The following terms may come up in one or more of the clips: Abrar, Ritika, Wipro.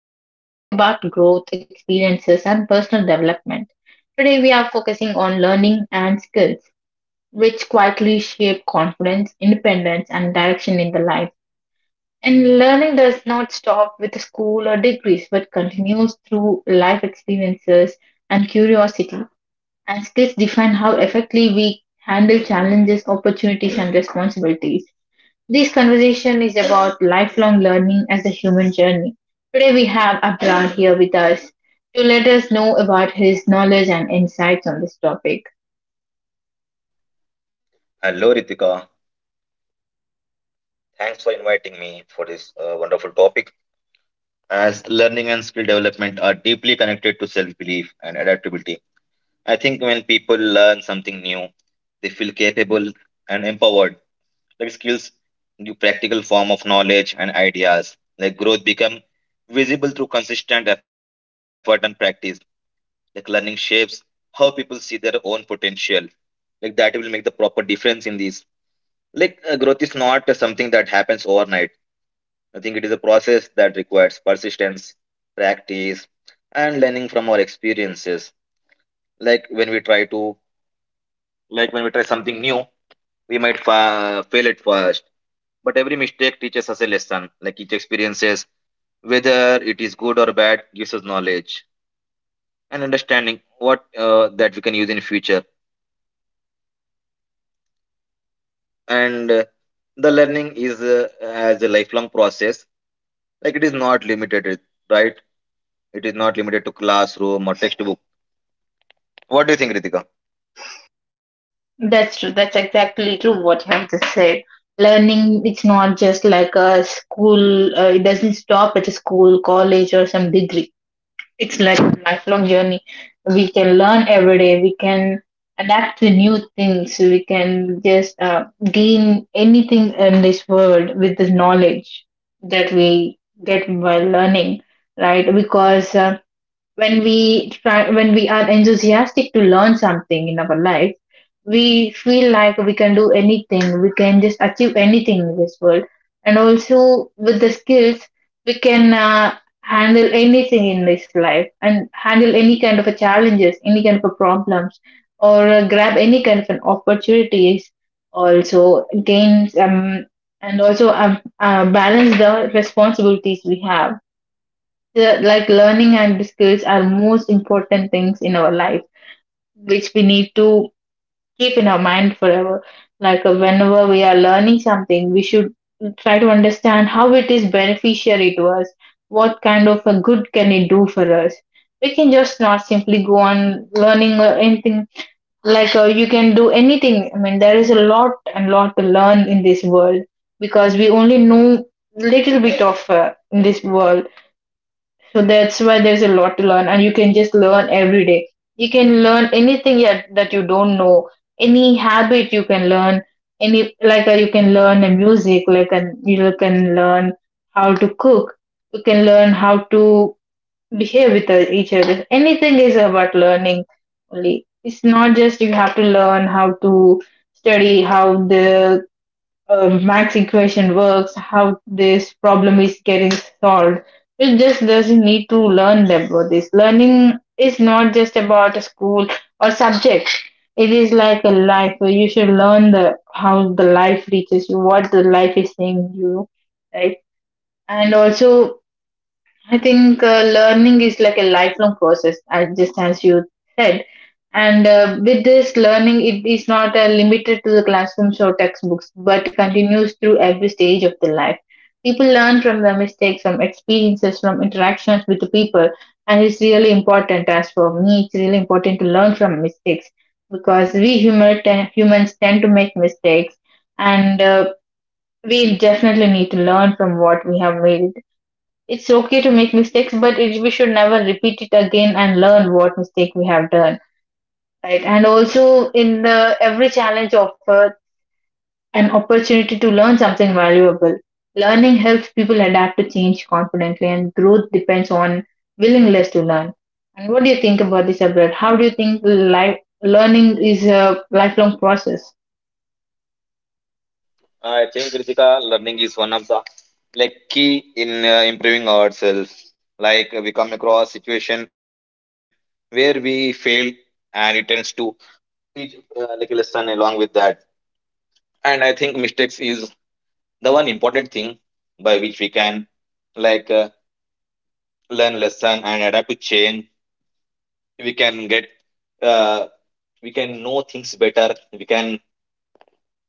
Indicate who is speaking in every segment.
Speaker 1: where we talk about growth, experiences, and personal development. Today, we are focusing on learning and skills, which quietly shape confidence, independence, and direction in the life. And learning does not stop with school or degrees, but continues through life experiences and curiosity. And skills define how effectively we handle challenges, opportunities, and responsibilities. This conversation is about lifelong learning as a human journey. Today we have Abrar here with us to let us know about his knowledge and insights on this topic.
Speaker 2: Hello, Ritika. Thanks for inviting me for this wonderful topic. As learning and skill development are deeply connected to self belief and adaptability, I think when people learn something new, they feel capable and empowered. Like skills give practical form of knowledge and ideas. Like growth become visible through consistent effort and practice. Like learning shapes how people see their own potential like that will make the proper difference in these like growth is not something that happens overnight. I think it is a process that requires persistence, practice, and learning from our experiences. Like when we try to, like when we try something new, we might fail at first, but every mistake teaches us a lesson. Like each experiences, whether it is good or bad, gives us knowledge and understanding what that we can use in future. And The learning is as a lifelong process. Like it is not limited, right? It is not limited to classroom or textbook. What do you think, Ritika?
Speaker 1: That's true. That's exactly true what you have just said. Learning it's not just like a school, it doesn't stop at a school, college or some degree. It's like a lifelong journey. We can learn every day. We can adapt to new things. We can just gain anything in this world with the knowledge that we get by learning, right? Because when we try when we are enthusiastic to learn something in our life, we feel like we can do anything, we can just achieve anything in this world, and also with the skills we can handle anything in this life and handle any kind of a challenges, any kind of a problems, or grab any kind of an opportunities, also gains, and also balance the responsibilities we have the, like learning and the skills are most important things in our life which we need to keep in our mind forever. Like whenever we are learning something we should try to understand how it is beneficiary to us, what kind of a good can it do for us. We can just not simply go on learning or anything. Like you can do anything, I mean there is a lot and lot to learn in this world because we only know little bit of in this world. So that's why there's a lot to learn, and you can just learn every day. You can learn anything yet that you don't know, any habit you can learn, any like you can learn a music, like, and you can learn how to cook, you can learn how to behave with each other. Anything is about learning only. It's not just you have to learn how to study, how the max equation works, how this problem is getting solved. It just doesn't need to learn about this. Learning is not just about a school or subject. It is like a life where you should learn the how the life reaches you, what the life is saying you, right? And also I think learning is like a lifelong process, as just as you said. And with this learning, it is not limited to the classrooms or textbooks, but continues through every stage of the life. People learn from their mistakes, from experiences, from interactions with the people, and it's really important. As for me, it's really important to learn from mistakes because humans tend to make mistakes, and we definitely need to learn from what we have made. It's okay to make mistakes, but it, we should never repeat it again and learn what mistake we have done, right? And also, in the every challenge offer an opportunity to learn something valuable. Learning helps people adapt to change confidently, and growth depends on willingness to learn. And what do you think about this, Abrar? How do you think life learning is a lifelong process?
Speaker 2: I think Kritika, learning is one of the like key in improving ourselves. Like we come across situation where we fail, and it tends to teach like a lesson along with that. And I think mistakes is the one important thing by which we can like learn lesson and adapt to change. We can get uh, we can know things better. We can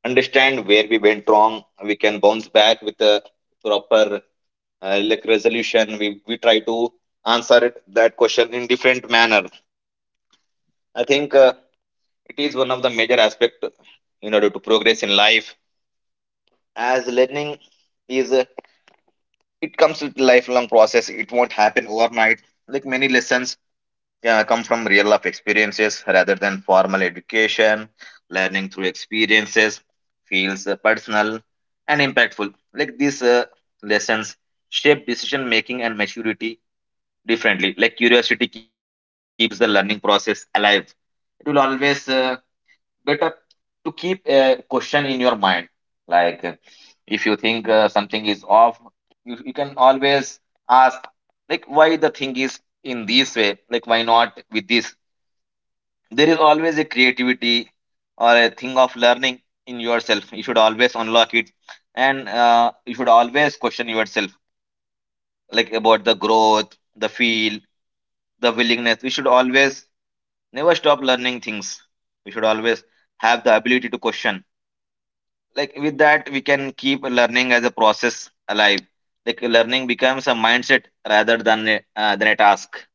Speaker 2: understand where we went wrong. We can bounce back with the proper like resolution. We try to answer it, that question in different manner. I think it is one of the major aspect in order to progress in life. As learning is, it comes with lifelong process. It won't happen overnight. Like many lessons yeah, come from real life experiences rather than formal education. Learning through experiences feels personal and impactful. Like these lessons shape decision making and maturity differently. Like curiosity keeps the learning process alive. It will always better to keep a question in your mind. Like if you think something is off, you can always ask like why the thing is in this way. Like why not with this? There is always a creativity or a thing of learning in yourself. You should always unlock it, and you should always question yourself like about the growth, the feel, the willingness. We should always never stop learning things. We should always have the ability to question like with that we can keep learning as a process alive. Like learning becomes a mindset rather than than a task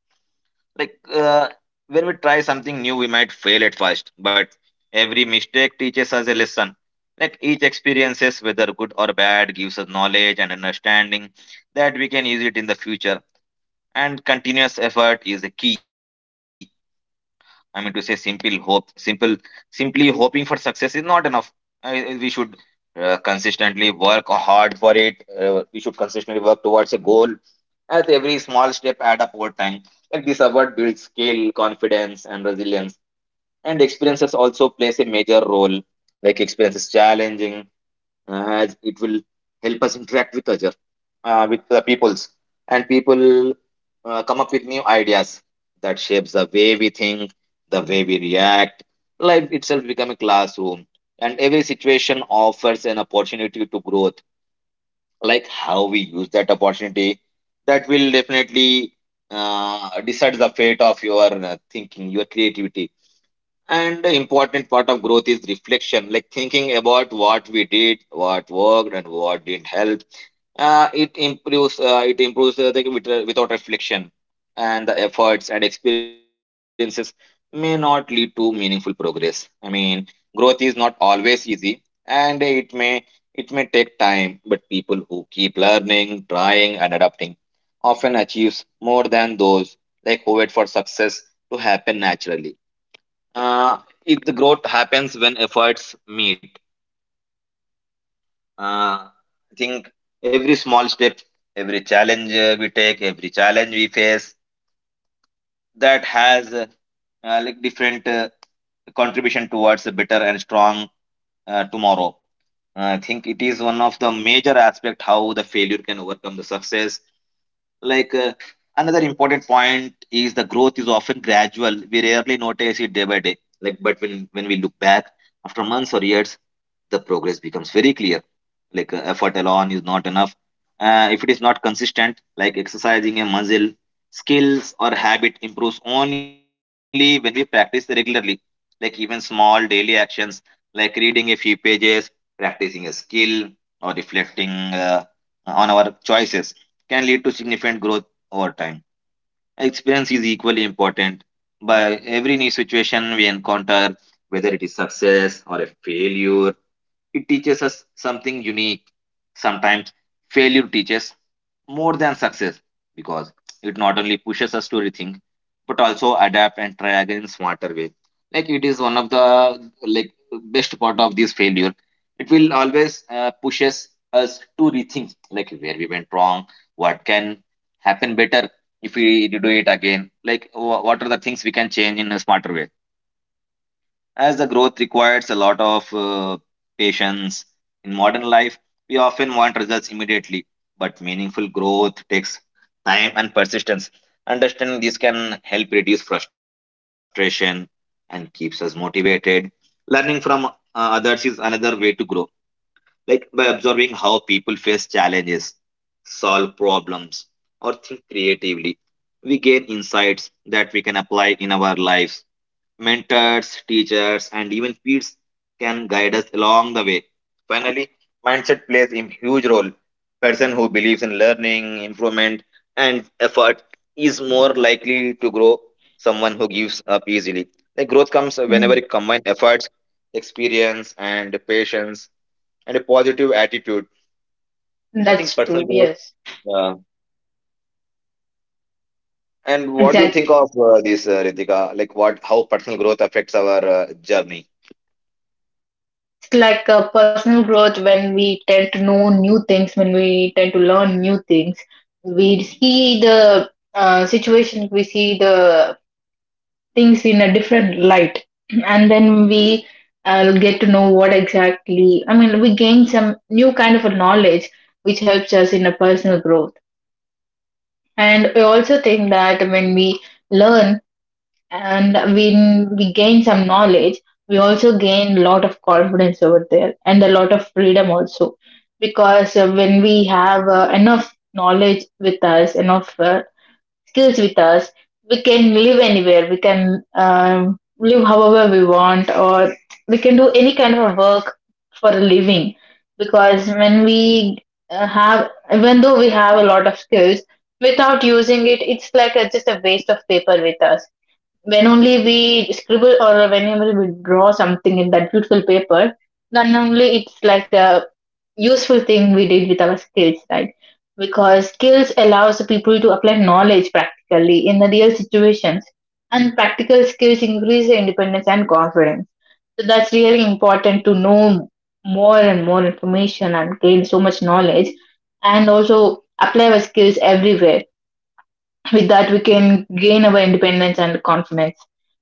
Speaker 2: like when we try something new we might fail at first but every mistake teaches us a lesson. Like each experiences whether good or bad gives us knowledge and understanding that we can use it in the future, and continuous effort is a key. I mean to say simply hoping for success is not enough. We should consistently work hard for it. We should consistently work towards a goal as every small step add up over time. Like this award builds skill, confidence, and resilience. And experiences also plays a major role. Like experience is challenging as it will help us interact with others with the peoples and people come up with new ideas that shapes the way we think the way we react. Life itself become a classroom and every situation offers an opportunity to growth. Like how we use that opportunity, that will definitely decide the fate of your thinking, your creativity. And the important part of growth is reflection, like thinking about what we did, what worked, and what didn't help. It improves the without reflection, and the efforts and experiences may not lead to meaningful progress. I mean, growth is not always easy, and it may take time. But people who keep learning, trying, and adapting often achieves more than those like who wait for success to happen naturally. Uh, if the growth happens when efforts meet, I think every small step, every challenge we face, that has like different contribution towards a better and strong tomorrow. I think it is one of the major aspect how the failure can overcome the success. Like another important point is the growth is often gradual. We rarely notice it day by day. Like, but when we look back after months or years, the progress becomes very clear. Like effort alone is not enough. If it is not consistent, like exercising a muscle, skills or habit improves only when we practice regularly. Like even small daily actions, like reading a few pages, practicing a skill, or reflecting on our choices can lead to significant growth over time. Experience is equally important. By every new situation we encounter, whether it is success or a failure, it teaches us something unique. Sometimes failure teaches more than success because it not only pushes us to rethink but also adapt and try again in smarter way. Like it is one of the like best part of this failure. It will always pushes us to rethink like where we went wrong, what can happen better if we do it again, like what are the things we can change in a smarter way as the growth requires a lot of patience. In modern life, we often want results immediately, but meaningful growth takes time and persistence. Understanding this can help reduce frustration and keeps us motivated. Learning from others is another way to grow, like by observing how people face challenges, solve problems, or think creatively. We gain insights that we can apply in our lives. Mentors, teachers, and even peers can guide us along the way. Finally, mindset plays a huge role. Person who believes in learning, improvement, and effort is more likely to grow someone who gives up easily. Like growth comes whenever you
Speaker 1: Mm,
Speaker 2: combine efforts, experience, and patience, and a positive attitude. I think
Speaker 1: that's
Speaker 2: personal
Speaker 1: true.
Speaker 2: growth.
Speaker 1: Yes,
Speaker 2: Uh, and what do you think
Speaker 1: exactly.
Speaker 2: of this, Ritika? Like, what, how personal growth affects our journey?
Speaker 1: It's like a personal growth when we tend to know new things, when we tend to learn new things. We see the situation, we see the things in a different light, and then we get to know what exactly. I mean, we gain some new kind of a knowledge which helps us in a personal growth. And I also think that when we learn and when we gain some knowledge, we also gain a lot of confidence over there and a lot of freedom also, because when we have enough knowledge with us, enough skills with us, we can live anywhere, we can live however we want, or we can do any kind of work for a living. Because when we have, even though we have a lot of skills, without using it it's like a, just a waste of paper with us. When only we scribble or whenever we draw something in that beautiful paper, then only it's like a useful thing we did with our skills, right? Because skills allows the people to apply knowledge practically in the real situations, and practical skills increase their independence and confidence. So that's really important to know more and more information and gain so much knowledge, and also apply our skills everywhere. With that we can gain our independence and confidence,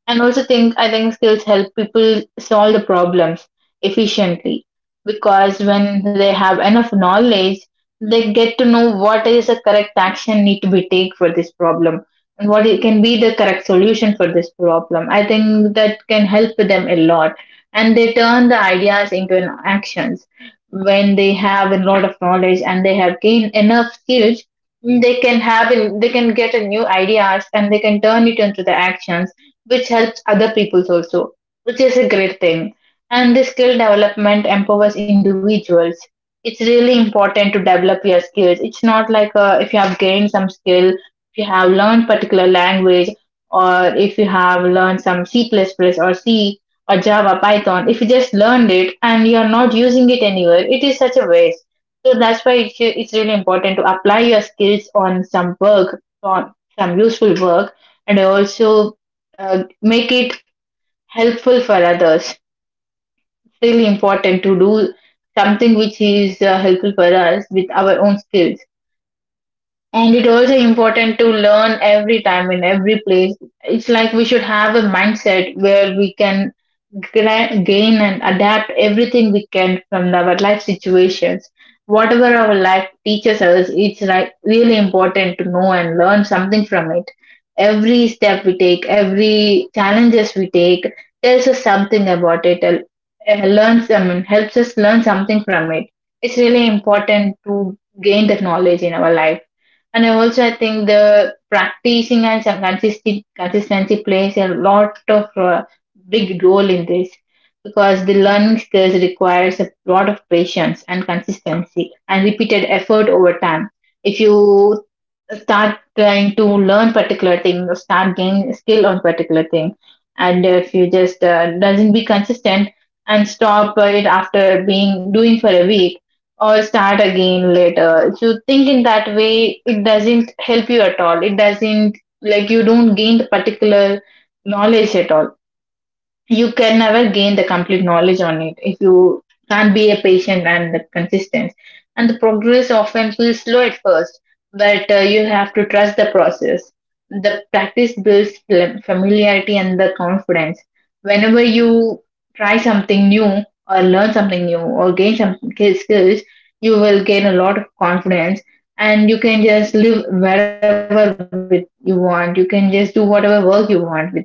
Speaker 1: and also think, I think skills help people solve the problems efficiently because when they have enough knowledge they get to know what is the correct action need to be take for this problem and what it can be the correct solution for this problem. I think that can help them a lot, and they turn the ideas into an actions. When they have a lot of knowledge and they have gained enough skills, they can have in, they can get a new ideas and they can turn it into the actions, which helps other peoples also, which is a great thing. And this skill development empowers individuals. It's really important to develop your skills. It's not like if you have gained some skill, if you have learned particular language, or if you have learned some c++ or c or java python, if you just learned it and you are not using it anywhere, it is such a waste. So that's why it's really important to apply your skills on some work, on some useful work, and also make it helpful for others. It's really important to do something which is helpful for us with our own skills. And it also important to learn every time in every place. It's like we should have a mindset where we can gain and adapt everything we can from our life situations. Whatever our life teaches us, it's like really important to know and learn something from it. Every step we take, every challenges we take, tells us something about it, and learns, I mean, helps us learn something from it. It's really important to gain the knowledge in our life. And I also I think the practicing and some consistent consistency plays a lot of big role in this because the learning skills requires a lot of patience and consistency and repeated effort over time. If you start trying to learn particular thing, start gaining skill on particular thing, and if you just doesn't be consistent and stop it after being doing for a week or start again later. If you think in that way, it doesn't help you at all. It doesn't like you don't gain the particular knowledge at all. You can never gain the complete knowledge on it if you can't be a patient and the consistent. And the progress often feels slow at first, but you have to trust the process. The practice builds familiarity and the confidence. Whenever you try something new or learn something new or gain some skills, you will gain a lot of confidence, and you can just live wherever with you want, you can just do whatever work you want with that confidence.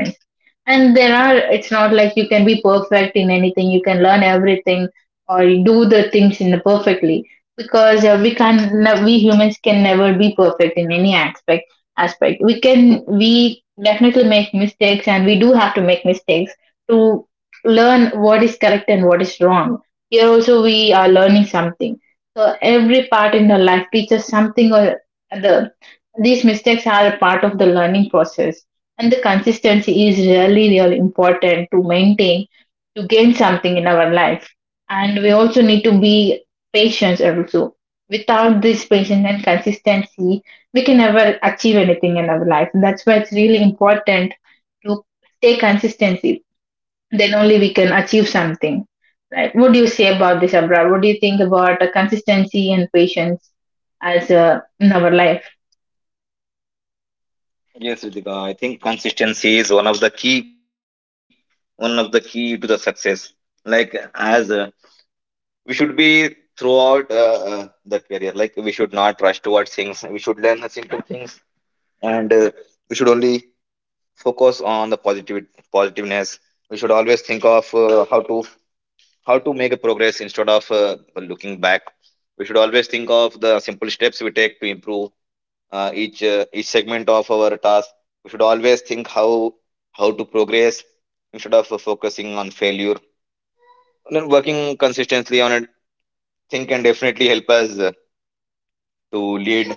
Speaker 1: And there are, it's not like you can be perfect in anything, you can learn everything or you do the things in the perfectly, because we can, we humans can never be perfect in any aspect, aspect. We can, we definitely make mistakes and we do have to make mistakes to learn what is correct and what is wrong. Here also we are learning something. So every part in the life teaches something or other. These mistakes are a part of the learning process, and the consistency is really really important to maintain, to gain something in our life. And we also need to be patient also. Without this patience and consistency, we can never achieve anything in our life. That's why it's really important to stay consistency, then only we can achieve something, right? What do you say about this, Abra, what do you think about consistency and patience as in our life?
Speaker 2: Yes, Ritika, I think consistency is one of the key, one of the key to the success. Like as we should be throughout the career. Like we should not rush towards things. We should learn the simple things, and we should only focus on the positiveness. We should always think of how to make a progress instead of looking back. We should always think of the simple steps we take to improve each segment of our task. We should always think how to progress instead of focusing on failure. Then working consistently on it, think can definitely help us to lead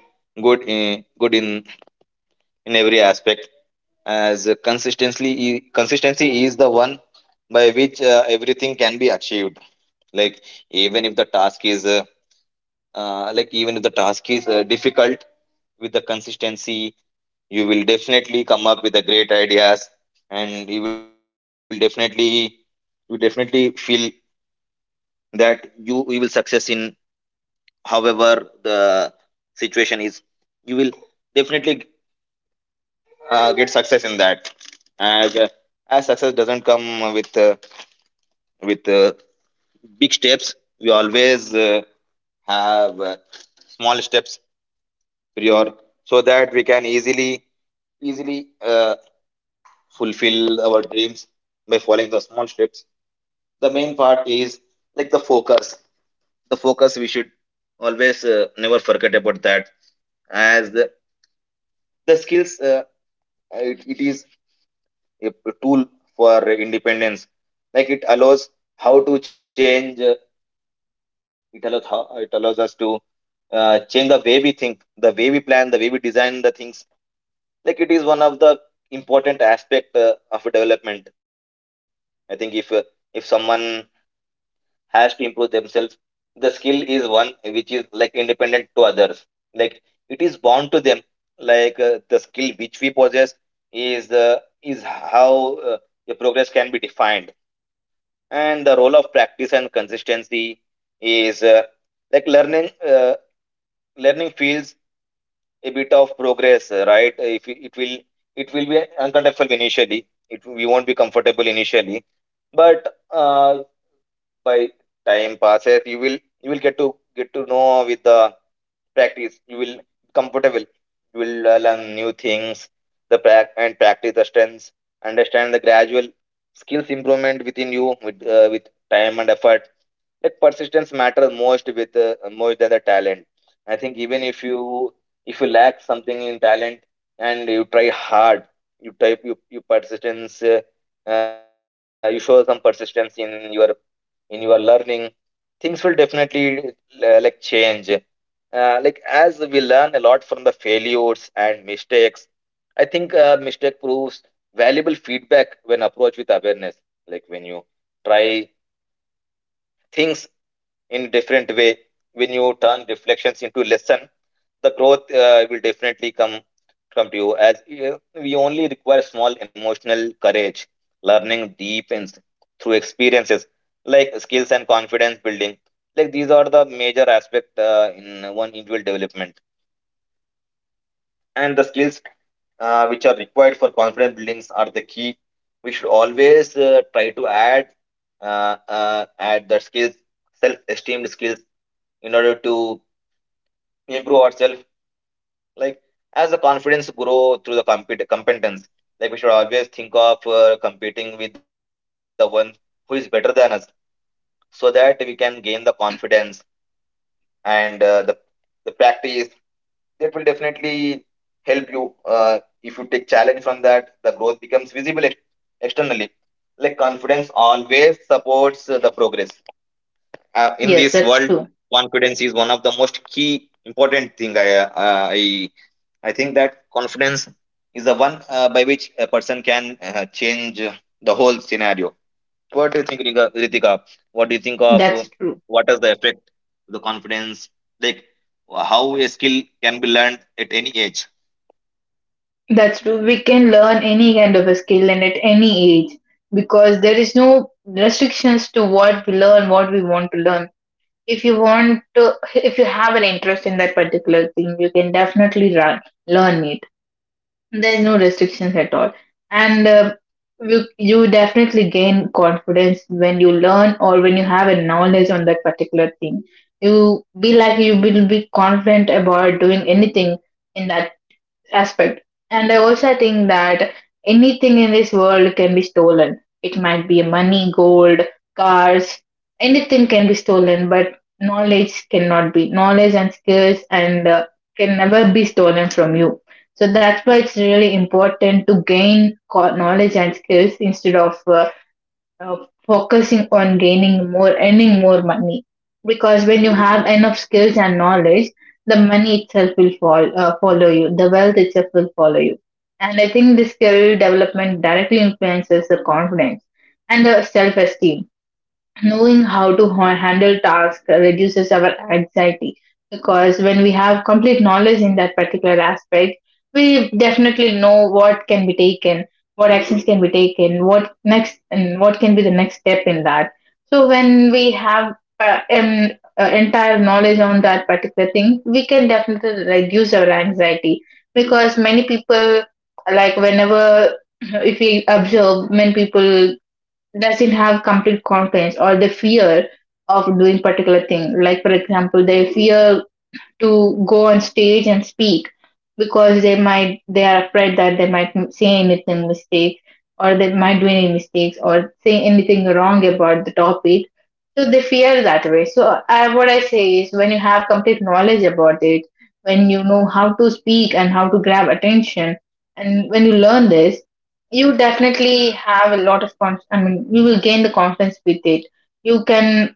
Speaker 2: good in in every aspect. As consistency is the one by which everything can be achieved. Like even if the task is like even if the task is difficult, with the consistency you will definitely come up with the great ideas and you definitely feel that you will success in however the situation is. You will definitely get success in that as uh, as success doesn't come with with uh, big steps. We always have small steps prior so that we can easily uh, fulfill our dreams by following the small steps. The main part is like the focus we should always never forget about that. As the skills it is a tool for independence. Like it allows how to change it allows us to change the way we think, the way we plan, the way we design the things. Like it is one of the important aspect of development. I think if someone has to improve themselves, the skill is one which is like independent to others. Like it is bound to them, like the skill which we possess is uh, is how the progress can be defined. And the role of practice and consistency is like learning feels a bit of progress right if it will it will be uncomfortable initially. It we won't be comfortable initially, but by time passes you will get to know with the practice you will comfortable. You will learn new things. The practice the strengths, understand the gradual skills improvement within you with time and effort. Like persistence matters most with more than the talent. I think even if you lack something in talent and you try hard you type you show some persistence in your learning things will definitely like change like as we learn a lot from the failures and mistakes. I think mistake proves valuable feedback when approached with awareness, like when you try things in different way, when you turn reflections into lesson the growth will definitely come to you. As uh, we only require small emotional courage. Learning deepens through experiences, like skills and confidence building. Like these are the major aspect in one individual development, and the skills which are required for confidence buildings are the key. We should always try to add uh, uh, add the skills, self-esteem skills, in order to improve ourselves. Like as the confidence grow through the competence, like we should always think of competing with the one who is better than us, so that we can gain the confidence and the practice. That will definitely help you. If you take challenge from that, the growth becomes visible externally. Like confidence always supports the progress. In
Speaker 1: Yes,
Speaker 2: this
Speaker 1: that's
Speaker 2: world,
Speaker 1: true.
Speaker 2: confidence is one of the most key important thing. I I think that confidence is the one by which a person can change the whole scenario. What do you think, Ritika? What do you think of
Speaker 1: That's true.
Speaker 2: what is the effect of the confidence? Like how a skill can be learned at any age.
Speaker 1: That's true. We can learn any kind of a skill and at any age because there is no restrictions to what we learn, what we want to learn. If you want to, if you have an interest in that particular thing, you can definitely run, learn it. There's no restrictions at all. And You definitely gain confidence when you learn or when you have a knowledge on that particular thing. You will be confident about doing anything in that aspect. And I also think that anything in this world can be stolen. It might be money, gold, cars, anything can be stolen, but knowledge cannot be. Knowledge and skills and can never be stolen from you. So that's why it's really important to gain knowledge and skills instead of uh, focusing on gaining more, earning more money. Because when you have enough skills and knowledge, the money itself will follow you. The wealth itself will follow you. And I think the skill development directly influences the confidence and the self-esteem, knowing how to handle tasks reduces our anxiety, because when we have complete knowledge in that particular aspect we definitely know what can be taken, what actions can be taken, what next and what can be the next step in that. So when we have uh, um, entire knowledge on that particular thing, we can definitely reduce our anxiety. Because many people, like whenever if we observe many people doesn't have complete confidence or they fear of doing particular thing. Like for example, they fear to go on stage and speak because they are afraid that they might say anything mistakes or they might do any mistakes or say anything wrong about the topic. So they fear that way. So what I say is, when you have complete knowledge about it, when you know how to speak and how to grab attention, and when you learn this, you definitely have a lot of you will gain the confidence with it. You can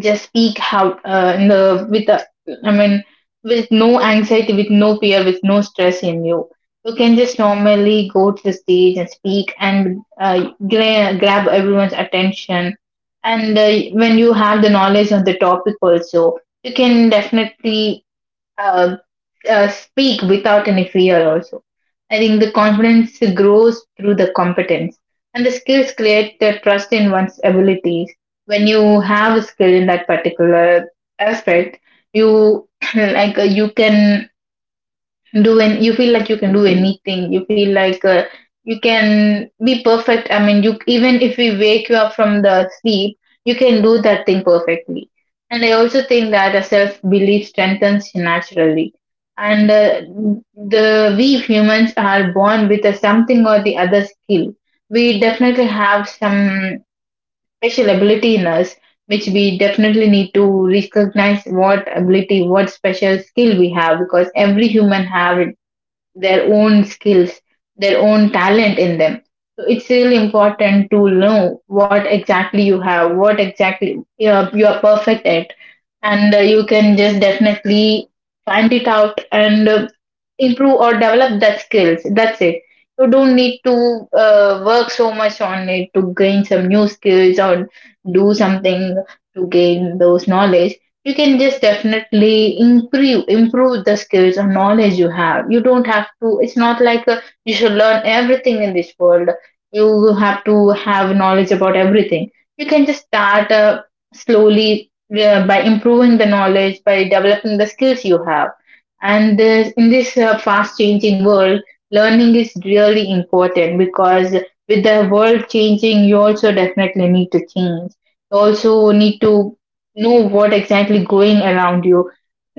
Speaker 1: just speak how in the with the I mean with no anxiety, with no fear, with no stress in you. You can just normally go to the stage and speak and grab everyone's attention. And when you have the knowledge on the topic also, you can definitely uh, speak without any fear also. I think the confidence grows through the competence, and the skills create the trust in one's abilities. When you have a skill in that particular aspect, you you can do, and you feel like you can do anything. You feel like you can be perfect. I mean, you even if we wake you up from the sleep, you can do that thing perfectly. And I also think that a self belief strengthens you naturally. And the we humans are born with a something or the other skill. We definitely have some special ability in us, which we definitely need to recognize what ability, what special skill we have, because every human have their own skills, their own talent in them. So it's really important to know what exactly you have, what exactly you are perfect at, and you can just definitely find it out and improve or develop that skills. That's it. You don't need to work so much on it to gain some new skills or do something to gain those knowledge. You can just definitely improve the skills or knowledge you have. You don't have to. It's not like you should learn everything in this world. You have to have knowledge about everything. You can just start slowly by improving the knowledge, by developing the skills you have. In this fast changing world, learning is really important, because with the world changing, you also definitely need to change. You also need to know what exactly going around you.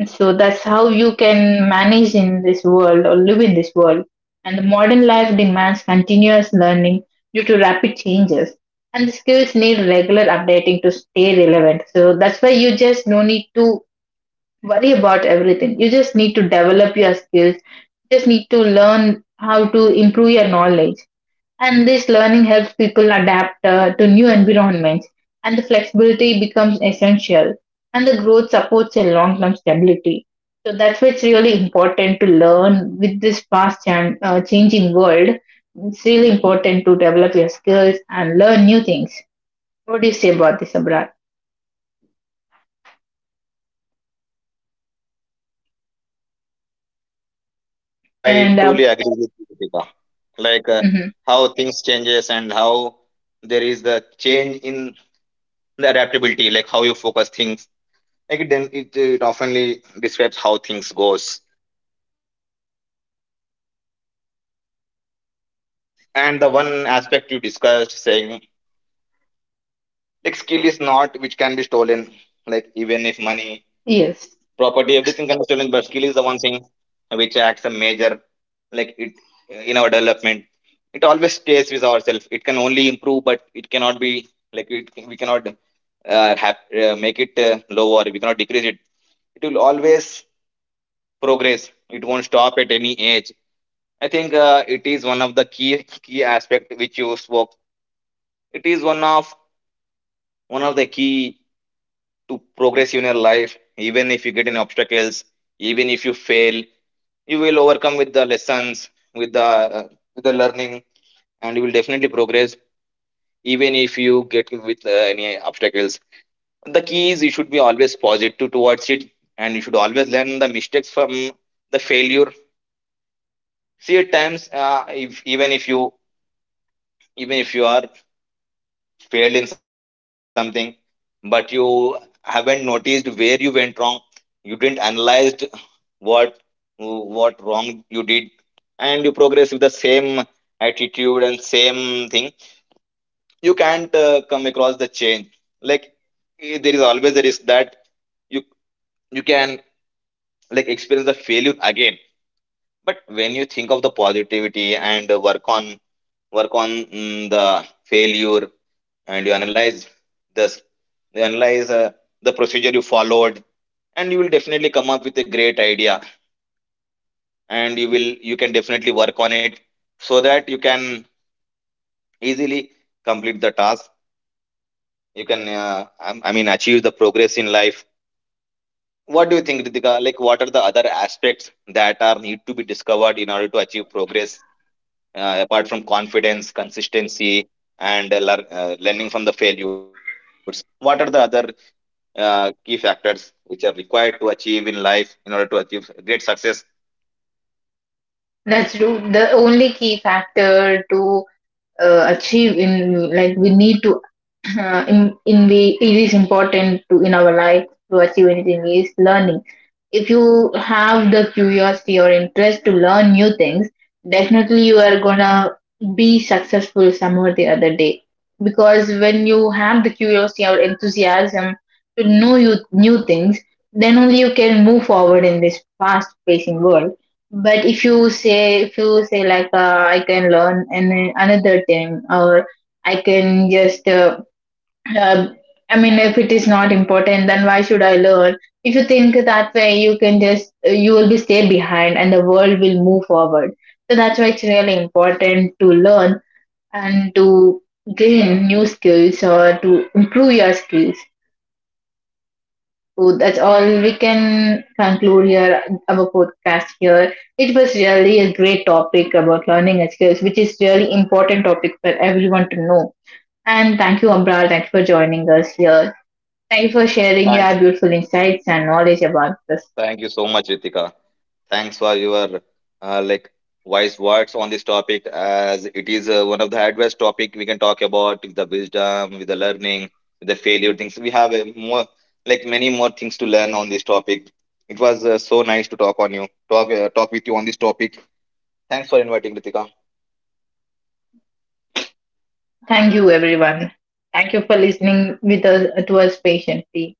Speaker 1: So that's how you can manage in this world or live in this world. And the modern life demands continuous learning due to rapid changes. And the skills need regular updating to stay relevant. So that's why you just no need to worry about everything. You just need to develop your skills. You just need to learn how to improve your knowledge. And this learning helps people adapt to new environments, and the flexibility becomes essential. And the growth supports a long term stability. So that's why it's really important to learn with this changing world. It's really important to develop your skills and learn new things. What do you say about this, Abra?
Speaker 2: I
Speaker 1: And
Speaker 2: truly agree with you, Ritika. Like
Speaker 1: mhm,
Speaker 2: how things changes and how there is the change in the adaptability, like how you focus things. Like it oftenly describes how things goes. And the one aspect you discussed, saying like skill is not which can be stolen, like even if money,
Speaker 1: yes.
Speaker 2: property, everything can be stolen, but skill is the one thing which acts a major, like it, in our development, it always stays with ourselves. It can only improve but it cannot be, like we cannot have, make it low, or we cannot decrease it. It will always progress, it won't stop at any age. I think it is one of the key aspect which you spoke. It is one of the key to progress in your life, even if you get in obstacles, even if you fail, you will overcome with the lessons, with the uh, with the learning, and you will definitely progress even if you get with any obstacles. The key is you should be always positive towards it, and you should always learn the mistakes from the failure. See, at times if even if you, even if you are failed in something, but you haven't noticed where you went wrong. You didn't analyzed what what wrong you did, and you progress with the same attitude and same thing. You can't come across the change. Like there is always a risk that you you can like experience the failure again. But when you think of the positivity and work on the failure, and you analyze this you analyze the procedure you followed, and you will definitely come up with a great idea, and you can definitely work on it, so that you can easily complete the task. You can I mean achieve the progress in life. What do you think, Ritika? Like what are the other aspects that are need to be discovered in order to achieve progress, apart from confidence, consistency, and learning from the failures? What are the other key factors which are required to achieve in life in order to achieve great success?
Speaker 1: That's true. The only key factor to achieve in, like, we need to in the it is important to in our life to achieve anything is learning. If you have the curiosity or interest to learn new things, definitely you are gonna be successful some or the other day. Because when you have the curiosity or enthusiasm to know you new things, then only you can move forward in this fast pacing world. But if you say like I can learn another thing, or I can just uh, I mean, if it is not important, then why should I learn? If you think that way, you can just, you will be stay behind and the world will move forward. So that's why it's really important to learn and to gain new skills or to improve your skills. So that's all we can conclude here, our podcast here. It was really a great topic about learning and skills, which is really important topic for everyone to know. And thank you, Ambral. Thanks for joining us here. Thank you for sharing
Speaker 2: Thanks.
Speaker 1: your beautiful insights and knowledge about this.
Speaker 2: Thank you so much, Ritika. Thanks for your uh, like wise words on this topic, as it is one of the adverse topic we can talk about, with the wisdom, with the learning, with the failure things. We have a more, like many more things to learn on this topic. It was so nice to talk with you on this topic. Thanks for inviting, Ritika.
Speaker 1: Thank you, everyone. Thank you for listening with us to us patiently.